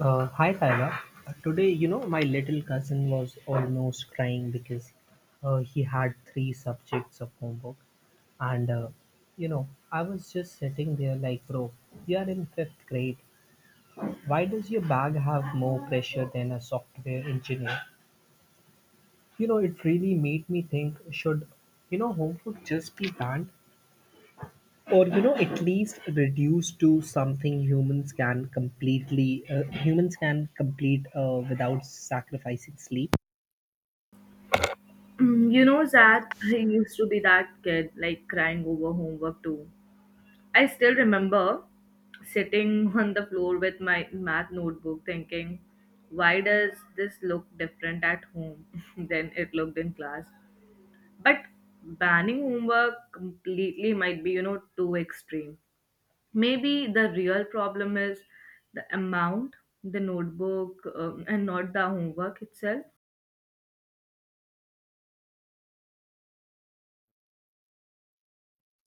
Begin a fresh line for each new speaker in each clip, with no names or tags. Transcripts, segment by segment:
Hi Tyler. Today, my little cousin was almost crying because he had three subjects of homework. And, I was just sitting there like, bro, you are in fifth grade. Why does your bag have more pressure than a software engineer? It really made me think: should, homework just be banned? Or at least reduced to something humans can complete without sacrificing sleep.
You know, Zach, I used to be that kid, like crying over homework too. I still remember sitting on the floor with my math notebook thinking, why does this look different at home than it looked in class? But banning homework completely might be, you know, too extreme. Maybe the real problem is the amount, the notebook, and not the homework itself.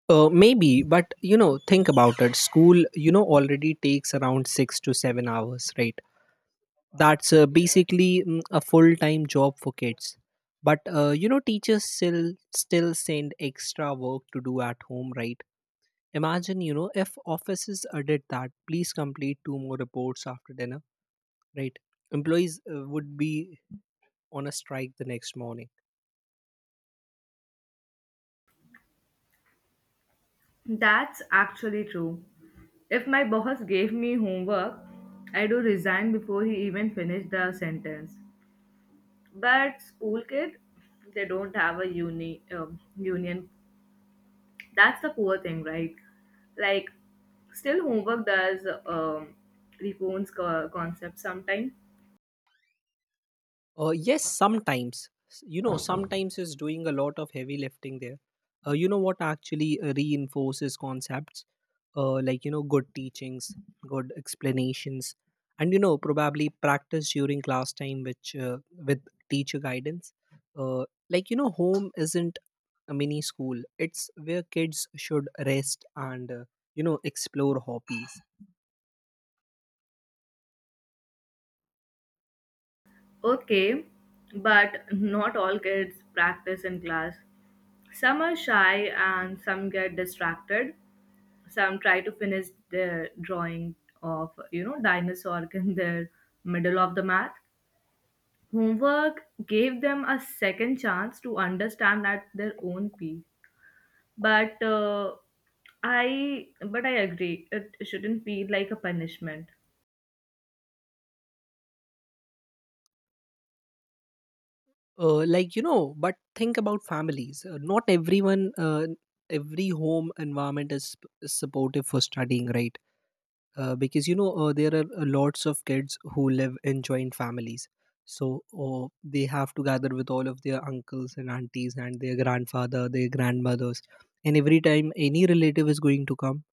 Maybe, but, think about it. School, already takes around 6 to 7 hours, right? That's basically a full-time job for kids. But teachers still send extra work to do at home, right? Imagine, if offices did that. Please complete two more reports after dinner, right? Employees would be on a strike the next morning.
That's actually true. If my boss gave me homework, I do resign before he even finished the sentence. But school kid, they don't have a union. That's the poor thing, right? Like, still homework does reforms concept sometimes.
Yes, sometimes. Sometimes is doing a lot of heavy lifting there. You know what actually reinforces concepts: like, good teachings, good explanations, and, probably practice during class time, which with teacher guidance. Like, home isn't a mini school, it's where kids should rest and, explore hobbies.
Okay, but not all kids practice in class. Some are shy and some get distracted. Some try to finish their drawing of, you know, dinosaur in the middle of the math. Homework gave them a second chance to understand at their own pace. But uh, but I agree it shouldn't feel like a punishment.
Like, but think about families. Not everyone Every home environment is supportive for studying, right? Because there are lots of kids who live in joint families. So they have to gather with all of their uncles and aunties and their grandfather, their grandmothers. And every time any relative is going to come,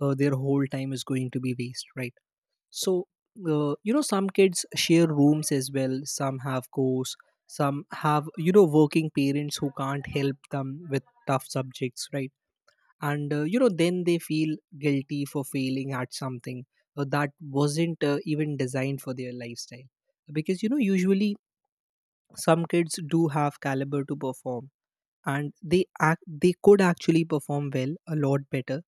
their whole time is going to be waste, right? So some kids share rooms as well. Some have course. Some have working parents who can't help them with tough subjects, right? And then they feel guilty for failing at something that wasn't even designed for their lifestyle. Because usually some kids do have caliber to perform, and they could actually perform well a lot better.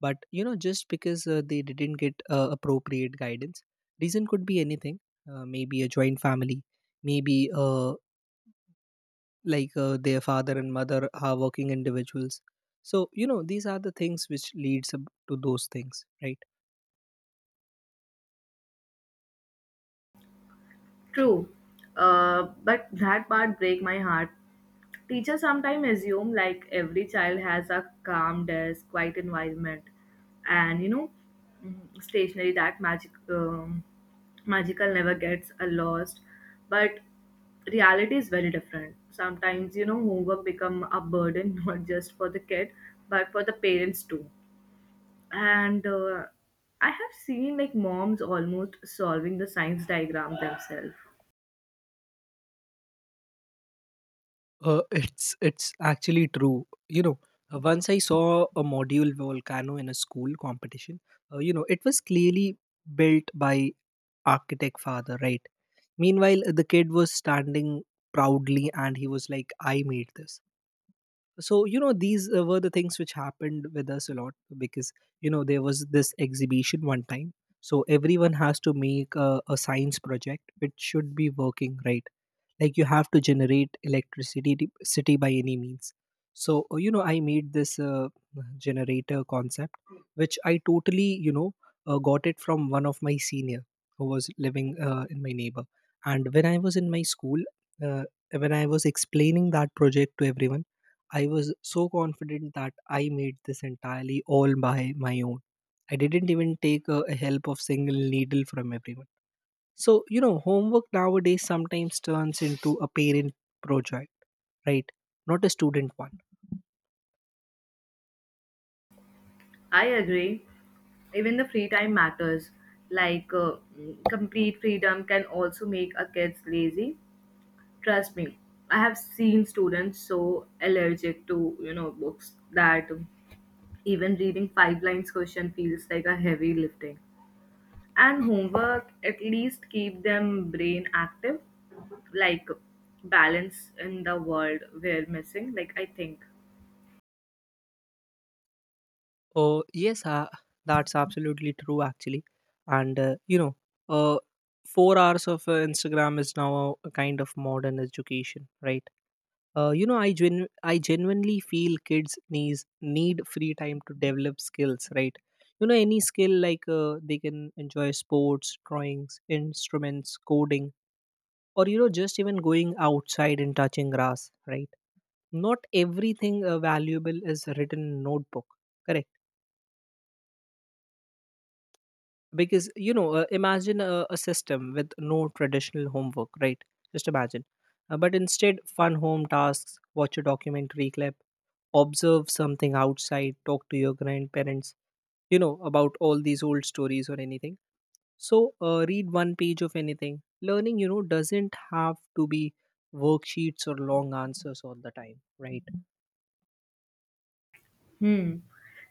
But just because they didn't get appropriate guidance. Reason could be anything. Maybe a joint family, maybe their father and mother are working individuals. So these are the things which leads up to those things, right?
True. But that part break my heart. Teachers sometimes assume like every child has a calm desk, quiet environment, and you know, stationery that magical never gets lost. But reality is very different. Sometimes you know homework become a burden not just for the kid but for the parents too. And I have seen like moms almost solving the science diagram themselves.
It's actually true, once I saw a module volcano in a school competition. It was clearly built by architect father, right? Meanwhile, the kid was standing proudly and he was like, "I made this." So these were the things which happened with us a lot. Because there was this exhibition one time. So everyone has to make a science project which should be working, right? Like, you have to generate electricity city by any means. So I made this generator concept, which I totally got it from one of my senior who was living in my neighbor. And when I was in my school, uh, when I was explaining that project to everyone, I was so confident that I made this entirely all by my own. I didn't even take a help of single needle from everyone. So, homework nowadays sometimes turns into a parent project, right? Not a student one.
I agree. Even the free time matters. Complete freedom can also make a kids lazy. Trust me, I have seen students so allergic to you know books that even reading five lines question feels like a heavy lifting. And homework at least keep them brain active like balance in the world we're missing like I think.
Oh, yes, that's absolutely true, actually. And, uh, 4 hours of Instagram is now a kind of modern education, right? I genuinely feel kids need free time to develop skills, right? Any skill, like they can enjoy sports, drawings, instruments, coding, or just even going outside and touching grass, right? Not everything valuable is written in notebook, correct? Because imagine a system with no traditional homework, right? Just imagine. But instead, fun home tasks: watch a documentary clip, observe something outside, talk to your grandparents, about all these old stories or anything. So read one page of anything. Learning, doesn't have to be worksheets or long answers all the time, right?
Hmm.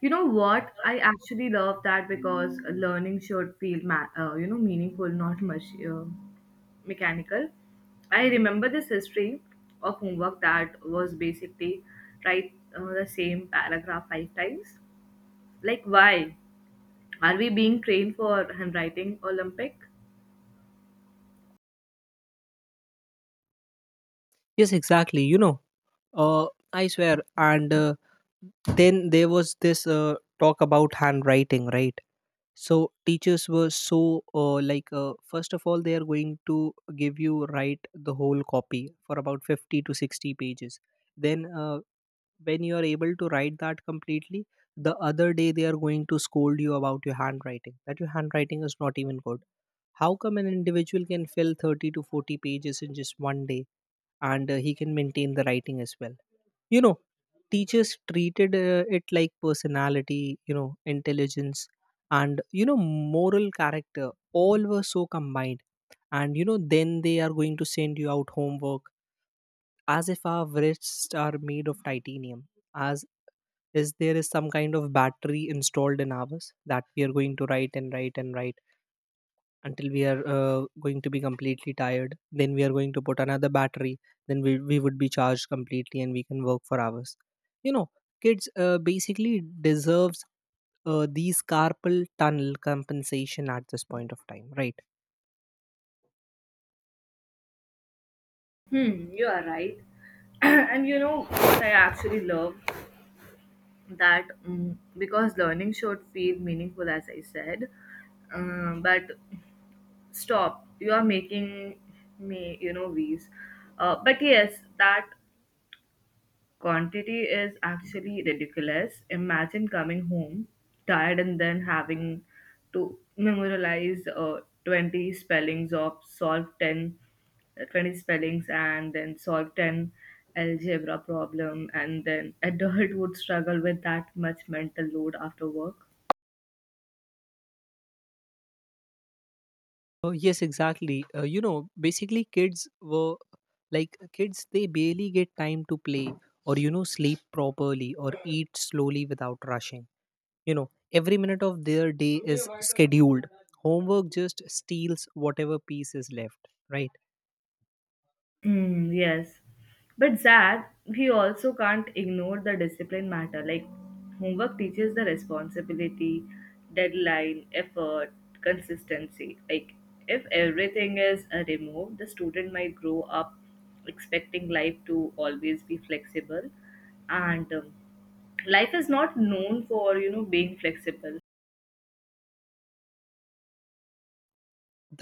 You know what? I actually love that because learning should feel, you know, meaningful, not much mechanical. I remember this history of homework that was basically write the same paragraph five times. Like, why are we being trained for handwriting Olympic?
Yes, exactly, uh, I swear. And then there was this talk about handwriting, right? So teachers were so like, first of all, they are going to give you, write the whole copy for about 50 to 60 pages. Then when you are able to write that completely, the other day they are going to scold you about your handwriting, that your handwriting is not even good. How come an individual can fill 30 to 40 pages in just one day? And he can maintain the writing as well, you know? Teachers treated it like personality, intelligence, and moral character — all were so combined. And then they are going to send you out homework, as if our wrists are made of titanium. As is there is some kind of battery installed in ours, that we are going to write and write and write until we are going to be completely tired. Then we are going to put another battery. Then we would be charged completely and we can work for hours, you know. Kids basically deserves these carpal tunnel compensation at this point of time, right?
Hmm, you are right. And you know what I actually love that because learning should feel meaningful, as I said. But stop you are making me you know wheeze. But yes that quantity is actually ridiculous. Imagine coming home tired and then having to memorialize uh, 20 spellings of solve 10 uh, 20 spellings and then solve 10 algebra problem, and then adult would struggle with that much mental load after work.
Yes, exactly, basically kids were, like, kids, they barely get time to play. Or sleep properly, or eat slowly without rushing, you know? Every minute of their day is scheduled. Homework just steals whatever piece is left, right?
Hmm, yes. But Zach, we also can't ignore the discipline matter. Like, homework teaches the responsibility, deadline, effort, consistency. Like, if everything is removed, the student might grow up expecting life to always be flexible. And Life is not known for, you know, being flexible.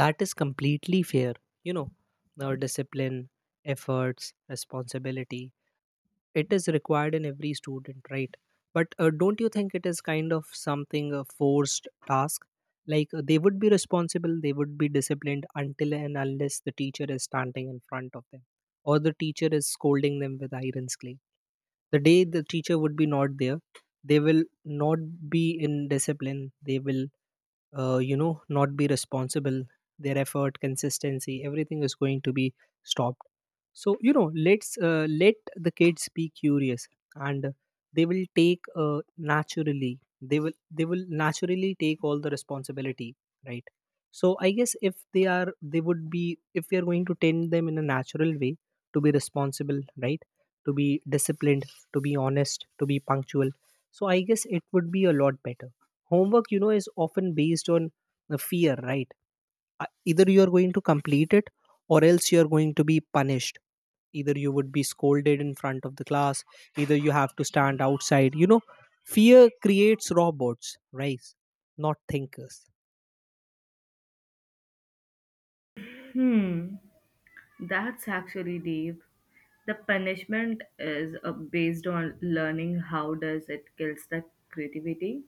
That is completely fair, you know. Our discipline, efforts, responsibility — it is required in every student, right? But don't you think it is kind of something, a forced task? Like, they would be responsible, they would be disciplined until and unless the teacher is standing in front of them. Or the teacher is scolding them with iron's clay. The day the teacher would be not there, they will not be in discipline, they will not be responsible. Their effort, consistency — everything is going to be stopped. So let the kids be curious. And they will take naturally they will naturally take all the responsibility, right? So I guess, if they are they would be if we are going to tend them in a natural way to be responsible, right? To be disciplined, to be honest, to be punctual. So I guess it would be a lot better. Homework, is often based on the fear, right? Either you are going to complete it, or else you are going to be punished. Either you would be scolded in front of the class, either you have to stand outside, you know? Fear creates robots, right? Not thinkers.
Hmm, that's actually deep. The punishment is based on learning how does it kills the creativity.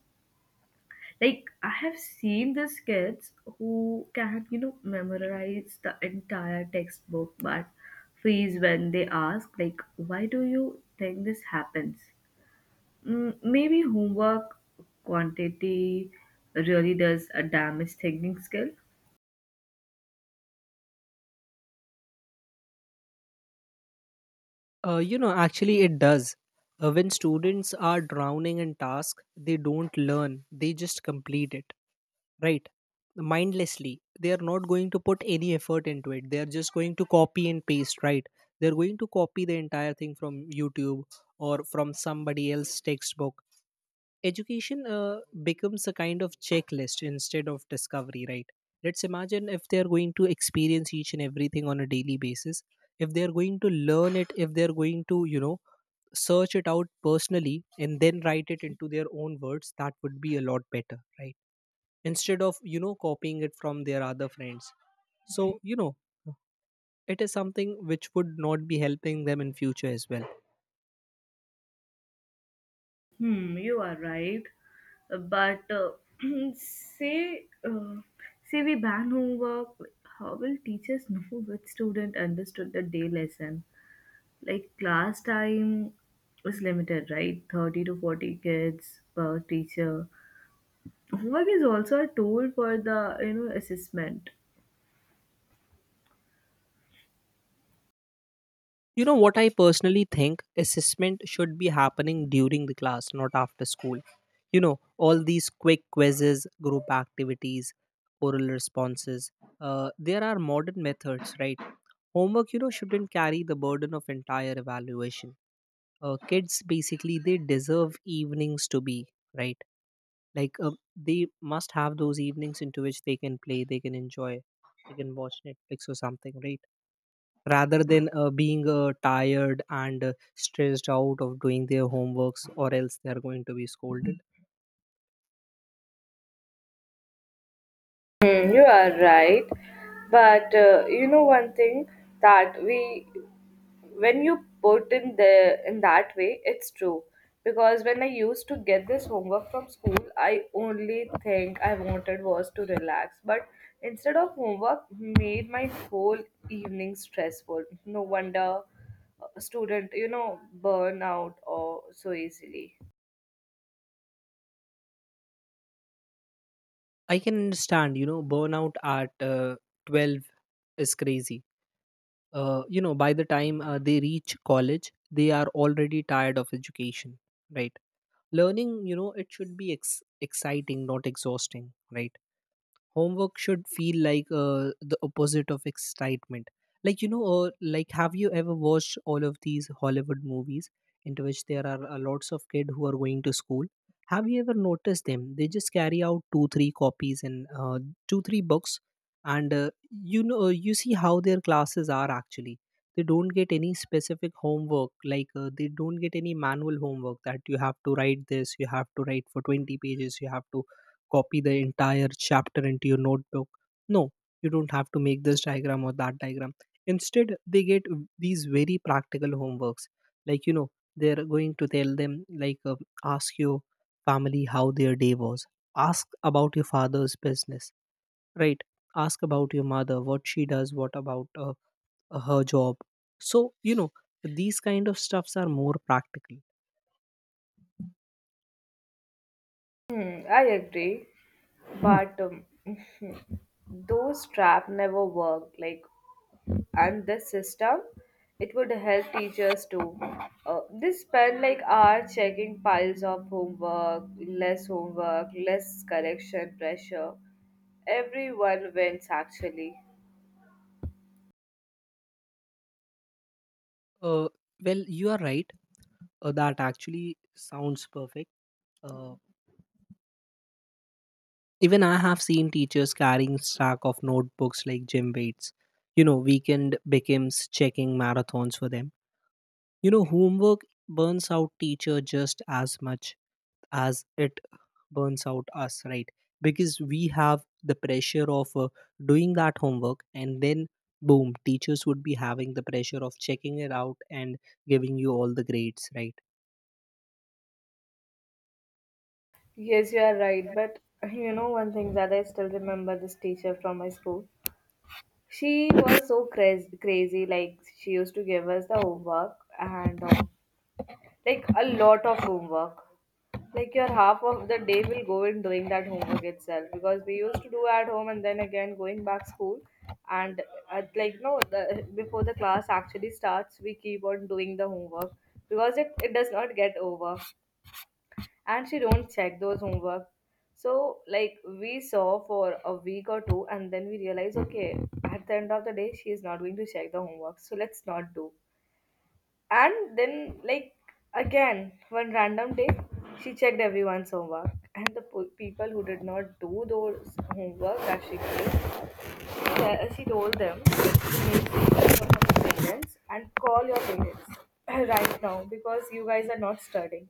Like I have seen these kids who can you know memorize the entire textbook but freeze when they ask like why do you think this happens? Maybe homework quantity really does a damage thinking skill.
Actually, it does. When students are drowning in task, they don't learn, they just complete it, right? Mindlessly, they are not going to put any effort into it, they are just going to copy and paste, right? They're going to copy the entire thing from YouTube or from somebody else's textbook. Education becomes a kind of checklist instead of discovery, right? Let's imagine, if they're going to experience each and everything on a daily basis, if they're going to learn it, if they're going to search it out personally and then write it into their own words, that would be a lot better, right? Instead of copying it from their other friends. So it is something which would not be helping them in future as well.
Hmm, you are right. But say, uh, say we ban homework. How will teachers know which student understood the day lesson? Like class time is limited, right? 30 to 40 kids per teacher. Homework is also a tool for the you know assessment.
You know what? I personally think assessment should be happening during the class, not after school. All these quick quizzes, group activities, oral responses — there are modern methods, right? Homework, shouldn't carry the burden of entire evaluation. Kids basically, they deserve evenings to be, right? Like, they must have those evenings into which they can play, they can enjoy. They can watch Netflix or something, right? Rather than being tired and stressed out of doing their homeworks, or else they are going to be scolded.
Hmm, you are right. But you know one thing that we when you put in the in that way it's true, because when I used to get this homework from school I only think I wanted was to relax, but instead of homework made my whole evening stressful. No wonder a student you know burn out or so easily.
I can understand, you know, burnout at 12 is crazy. By the time they reach college, they are already tired of education, right? Learning, it should be exciting, not exhausting, right? Homework should feel like the opposite of excitement. Like, like, have you ever watched all of these Hollywood movies into which there are lots of kids who are going to school? Have you ever noticed them? They just carry out two three copies and two three books. And you see how their classes are actually. They don't get any specific homework. They don't get any manual homework, that you have to write this, you have to write for 20 pages, you have to copy the entire chapter into your notebook. No, you don't have to make this diagram or that diagram. Instead, they get these very practical homeworks. Like, you know, they're going to tell them, ask your family how their day was, ask about your father's business, right? Ask about your mother, what she does, what about her job. So, you know, these kind of stuffs are more practical.
Hmm, I agree, but those trap never work. Like and this system it would help teachers to they spend like hours checking piles of homework, less homework less correction pressure, everyone wins actually.
Uh, well, you are right. That actually sounds perfect. Uh, Even I have seen teachers carrying stack of notebooks like gym weights. You know, weekend becomes checking marathons for them. You know, homework burns out teacher just as much as it burns out us, right? Because we have the pressure of doing that homework, and then boom, teachers would be having the pressure of checking it out and giving you all the grades, right?
Yes, you are right. But you know one thing that I still remember this teacher from my school. She was so crazy, crazy. Like she used to give us the homework and like a lot of homework. Like your half of the day will go in doing that homework itself, because we used to do at home and then again going back school and at, like no the, before the class actually starts we keep on doing the homework because it does not get over, and she don't check those homework. So like we saw for a week or two and then we realized, okay, at the end of the day she is not going to check the homework, so let's not do. And then, like, again, one random day, she checked everyone's homework. And the people who did not do those homework that she gave, she told them to make papers for your parents and call your parents right now because you guys are not studying.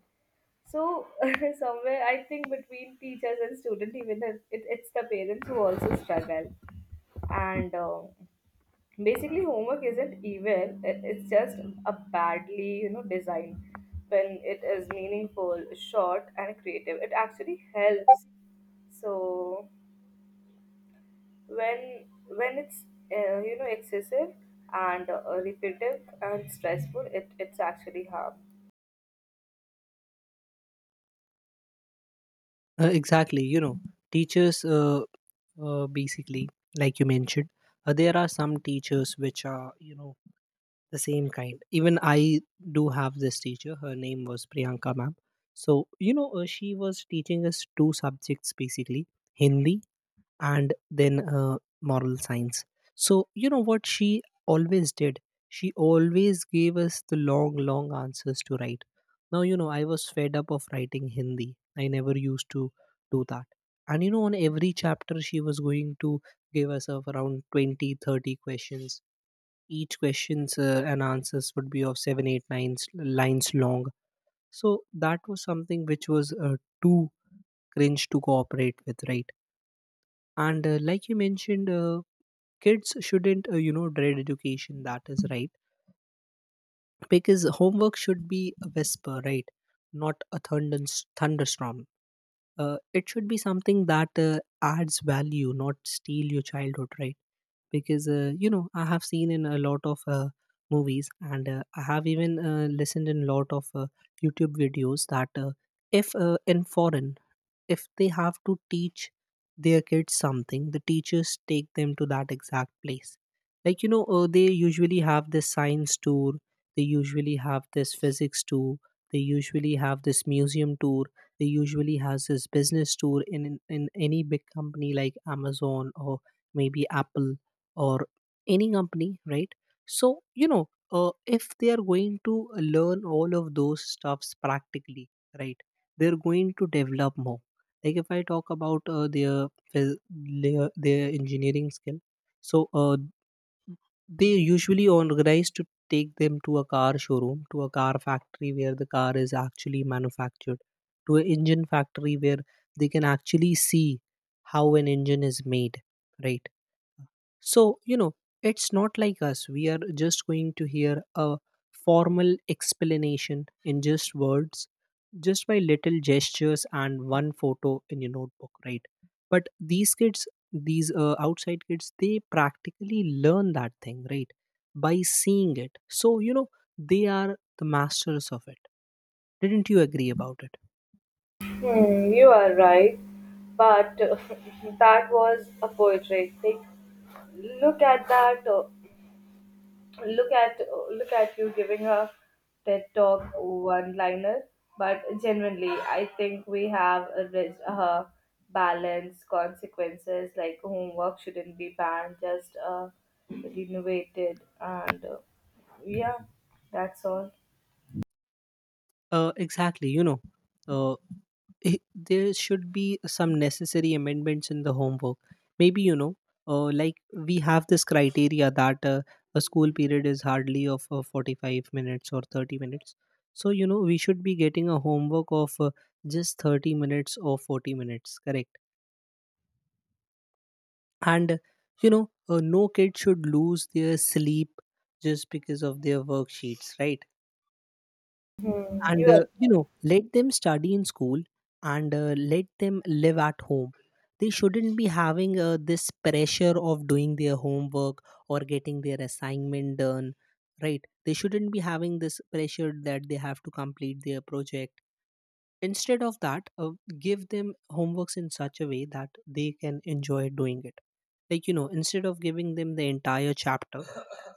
So, somewhere, I think between teachers and student, even if it's the parents who also struggle. And basically homework isn't evil, it's just a badly you know designed. When it is meaningful short and creative it actually helps. So when it's you know excessive and repetitive and stressful, it's actually harm.
Exactly. You know, teachers, basically, like you mentioned, there are some teachers which are, you know, the same kind. Even I do have this teacher, her name was Priyanka ma'am. So, you know, she was teaching us two subjects basically: Hindi, and then moral science. So, you know what she always did? She always gave us the long, long answers to write. Now, you know, I was fed up of writing Hindi. I never used to do that. And, you know, on every chapter, she was going to give us of around 20, 30 questions. Each questions and answers would be of seven, eight, nine eight lines long. So that was something which was too cringe to cooperate with, right? And like you mentioned, kids shouldn't, you know, dread education. That is right, because homework should be a whisper, right? Not a thunderstorm. It should be something that adds value, not steal your childhood, right? Because you know, I have seen in a lot of movies, and I have even listened in a lot of YouTube videos, that if in foreign, if they have to teach their kids something, the teachers take them to that exact place. Like, you know, they usually have this science tour. They usually have this physics tour. They usually have this museum tour. They usually has this business tour in any big company like Amazon or maybe Apple, or any company, right? So, you know, uh, if they are going to learn all of those stuffs practically, right, they're going to develop more. Like if I talk about their engineering skill, so they usually organize to take them to a car showroom, to a car factory where the car is actually manufactured, to an engine factory where they can actually see how an engine is made, right? So, you know, it's not like us. We are just going to hear a formal explanation in just words, just by little gestures and one photo in your notebook, right? But these kids, these outside kids, they practically learn that thing, right? By seeing it. So, you know, they are the masters of it. Didn't you agree about it?
Hmm, you are right, but that was a poetry thing. Look at that. Look at Look at you giving a TED talk one liner, but genuinely, I think we have a rich, balance consequences. Like homework shouldn't be banned, just renovated, and yeah, that's all.
Exactly. You know, uh, i- there should be some necessary amendments in the homework. Maybe, you know, like we have this criteria that a school period is hardly of 45 minutes or 30 minutes. So, you know, we should be getting a homework of just 30 minutes or 40 minutes, correct? And, you know, no kid should lose their sleep just because of their worksheets, right?
Hmm,
and
you
uh, you know, let them study in school, and let them live at home. They shouldn't be having, this pressure of doing their homework or getting their assignment done, right? They shouldn't be having this pressure that they have to complete their project. Instead of that, give them homeworks in such a way that they can enjoy doing it. Like, you know, instead of giving them the entire chapter,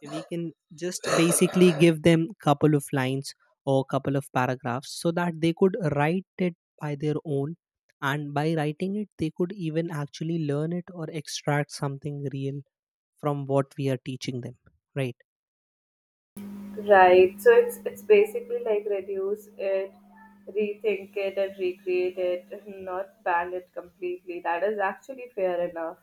we can just basically give them couple of lines or couple of paragraphs so that they could write it by their own. And by writing it, they could even actually learn it or extract something real from what we are teaching them. Right.
are right. So it's basically like reduce it, rethink it, and recreate it, not ban it completely. That is actually fair enough.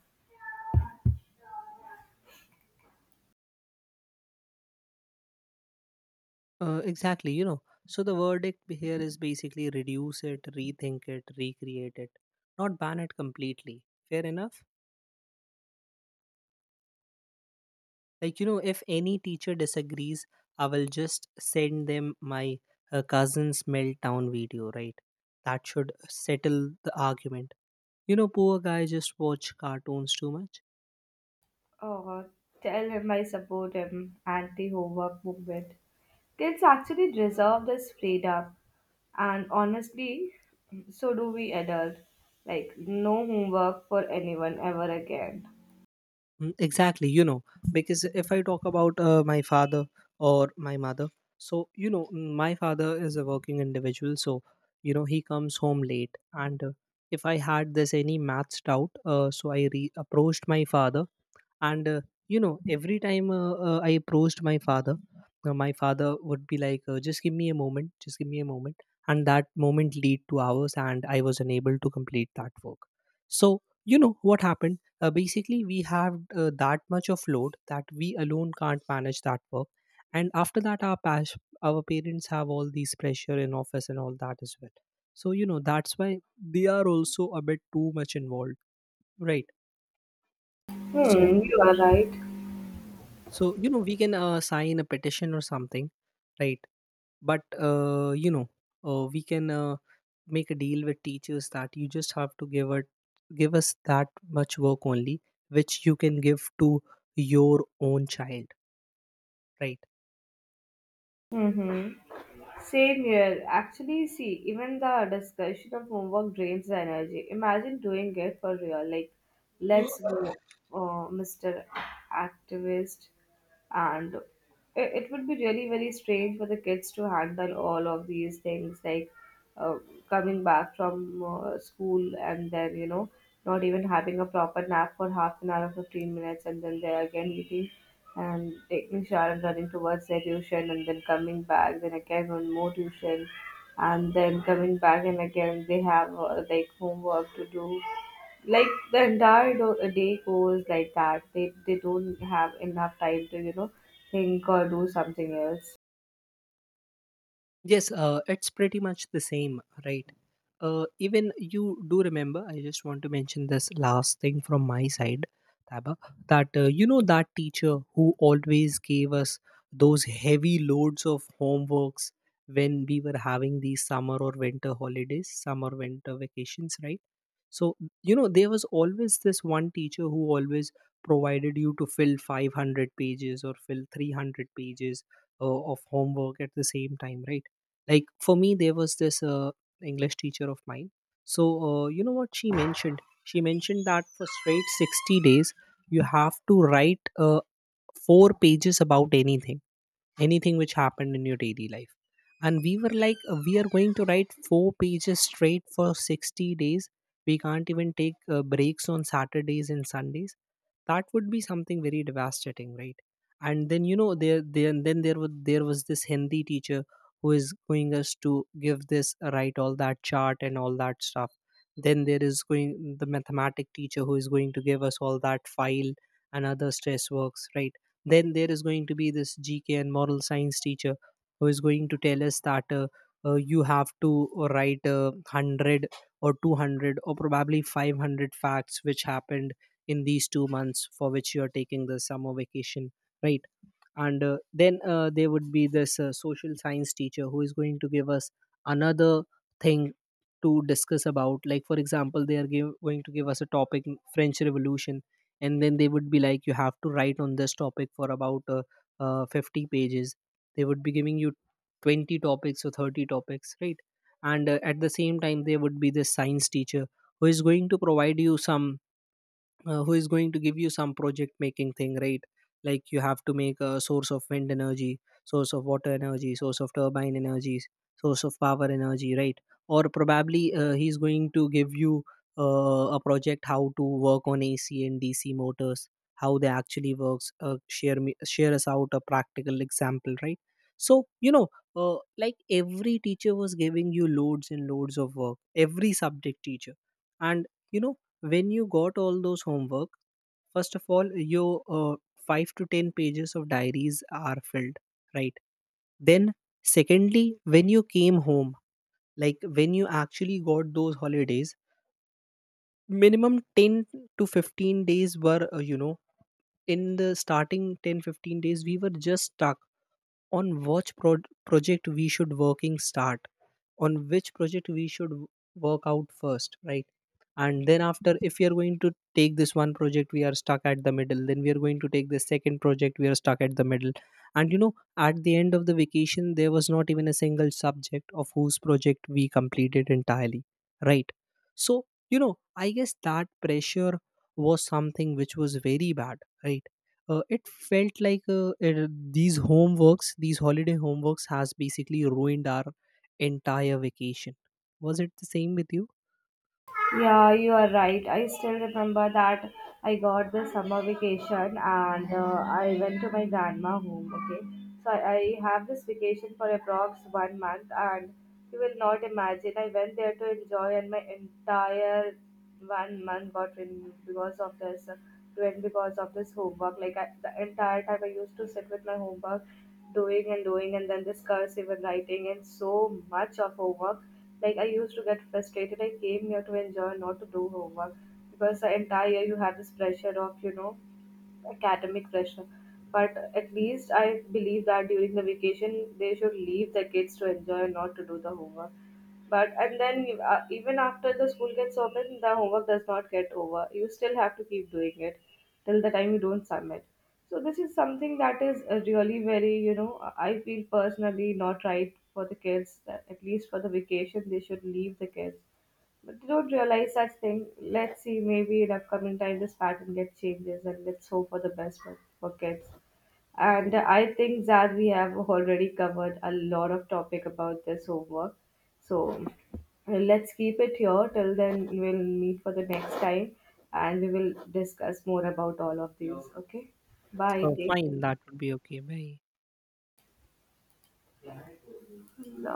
Exactly, you know. So the verdict here is basically reduce it, rethink it, recreate it, not ban it completely. Fair enough? Like, you know, if any teacher disagrees, I will just send them my cousin's meltdown video, right? That should settle the argument. You know, poor guy just watch cartoons too much.
Oh, tell him I support him anti homework movement. Kids actually deserve this freedom, and honestly, so do we adults. Like, no homework for anyone ever again.
Mm, exactly, you know, because if I talk about my father or my mother, so you know, my father is a working individual, so you know, he comes home late. And if I had this any maths doubt, so approached my father, and you know, every time I approached my father, my father would be like, just give me a moment, just give me a moment. And that moment lead to hours, and I was unable to complete that work. So you know what happened, basically we have that much of load that we alone can't manage that work. And after that, our our parents have all these pressure in office and all that as well. So you know, that's why they are also a bit too much involved, right? so
Hmm, you are right.
so you know, we can sign a petition or something, right? But you know, we can make a deal with teachers that you just have to give it, give us that much work only which you can give to your own child, right?
Mm-hmm. Same here. Actually, see, even the discussion of homework drains the energy. Imagine doing it for real. Like, let's go, Mr. Activist. And it would be really very strange for the kids to handle all of these things, like uh, coming back from school and then, you know, not even having a proper nap for half an hour or 15 minutes, and then they're again eating and taking shower and running towards their tuition and then coming back then again one more tuition and then coming back and again they have like homework to do. Like the entire day goes like that. They don't have enough time to you know think or do something else.
Yes, it's pretty much the same, right? Even you do remember, I just want to mention this last thing from my side, Taba, that you know, that teacher who always gave us those heavy loads of homeworks, when we were having these summer or winter holidays, summer winter vacations, right? So, you know, there was always this one teacher who always provided you to fill 500 pages or fill 300 pages uh, of homework at the same time, right? Like for me, there was this English teacher of mine. So, you know what she mentioned? She mentioned that for straight 60 days, you have to write four pages about anything which happened in your daily life. And we were like, we are going to write four pages straight for 60 days. We can't even take breaks on Saturdays and Sundays. That would be something very devastating, right? And then you know there was this Hindi teacher, who is going us to give this, write all that chart and all that stuff. Then there is going the mathematic teacher who is going to give us all that file and other stress works, right? Then there is going to be this GK and moral science teacher who is going to tell us that, you have to write 100 or 200 or probably 500 facts which happened in these 2 months for which you are taking the summer vacation, right? And then there would be this social science teacher who is going to give us another thing to discuss about, like for example they are going to give us a topic: French Revolution. And then they would be like, you have to write on this topic for about, 50 pages. They would be giving you 20 topics or 30 topics, right? And at the same time, there would be the science teacher who is going to provide you some, who is going to give you some project making thing, right? Like, you have to make a source of wind energy, source of water energy, source of turbine energies, source of power energy, right? Or probably he's going to give you a project how to work on AC and DC motors, how they actually works. Share us out a practical example, right? So you know, like every teacher was giving you loads and loads of work, every subject teacher. And you know, when you got all those homework, first of all, your 5 to 10 pages of diaries are filled, right? Then secondly, when you came home, like when you actually got those holidays, minimum 10 to 15 days were, you know, in the starting 10 15 days, we were just stuck on which project we should working start, on which project we should work out first, right? And then after, if we are going to take this one project, we are stuck at the middle, then we are going to take the second project, we are stuck at the middle. And you know, at the end of the vacation, there was not even a single subject of whose project we completed entirely, right? So you know, I guess that pressure was something which was very bad, right? It felt like, these homeworks, these holiday homeworks, has basically ruined our entire vacation. Was it the same with you?
Yeah, you are right. I still remember that I got the summer vacation and I went to my grandma home. Okay, so I have this vacation for approx 1 month, and you will not imagine. I went there to enjoy, and my entire 1 month got removed because of this. Went because of this homework. Like I, the entire time, I used to sit with my homework, doing and doing, and then this cursive and writing and so much of homework. Like I used to get frustrated. I came here to enjoy, not to do homework, because the entire year you have this pressure of you know academic pressure. But at least I believe that during the vacation they should leave the kids to enjoy, not to do the homework. But and then even after the school gets open, the homework does not get over. You still have to keep doing it till the time you don't submit. So this is something that is really very you know I feel personally not right for the kids. That at least for the vacation they should leave the kids. But they don't realize such thing. Let's see, maybe in upcoming time this pattern gets changes, and let's hope for the best for kids. And I think that we have already covered a lot of topic about this homework. So let's keep it here. Till then, we'll meet for the next time and we will discuss more about all of these. Okay. Bye. Take
Fine, that would be okay. Bye.
care.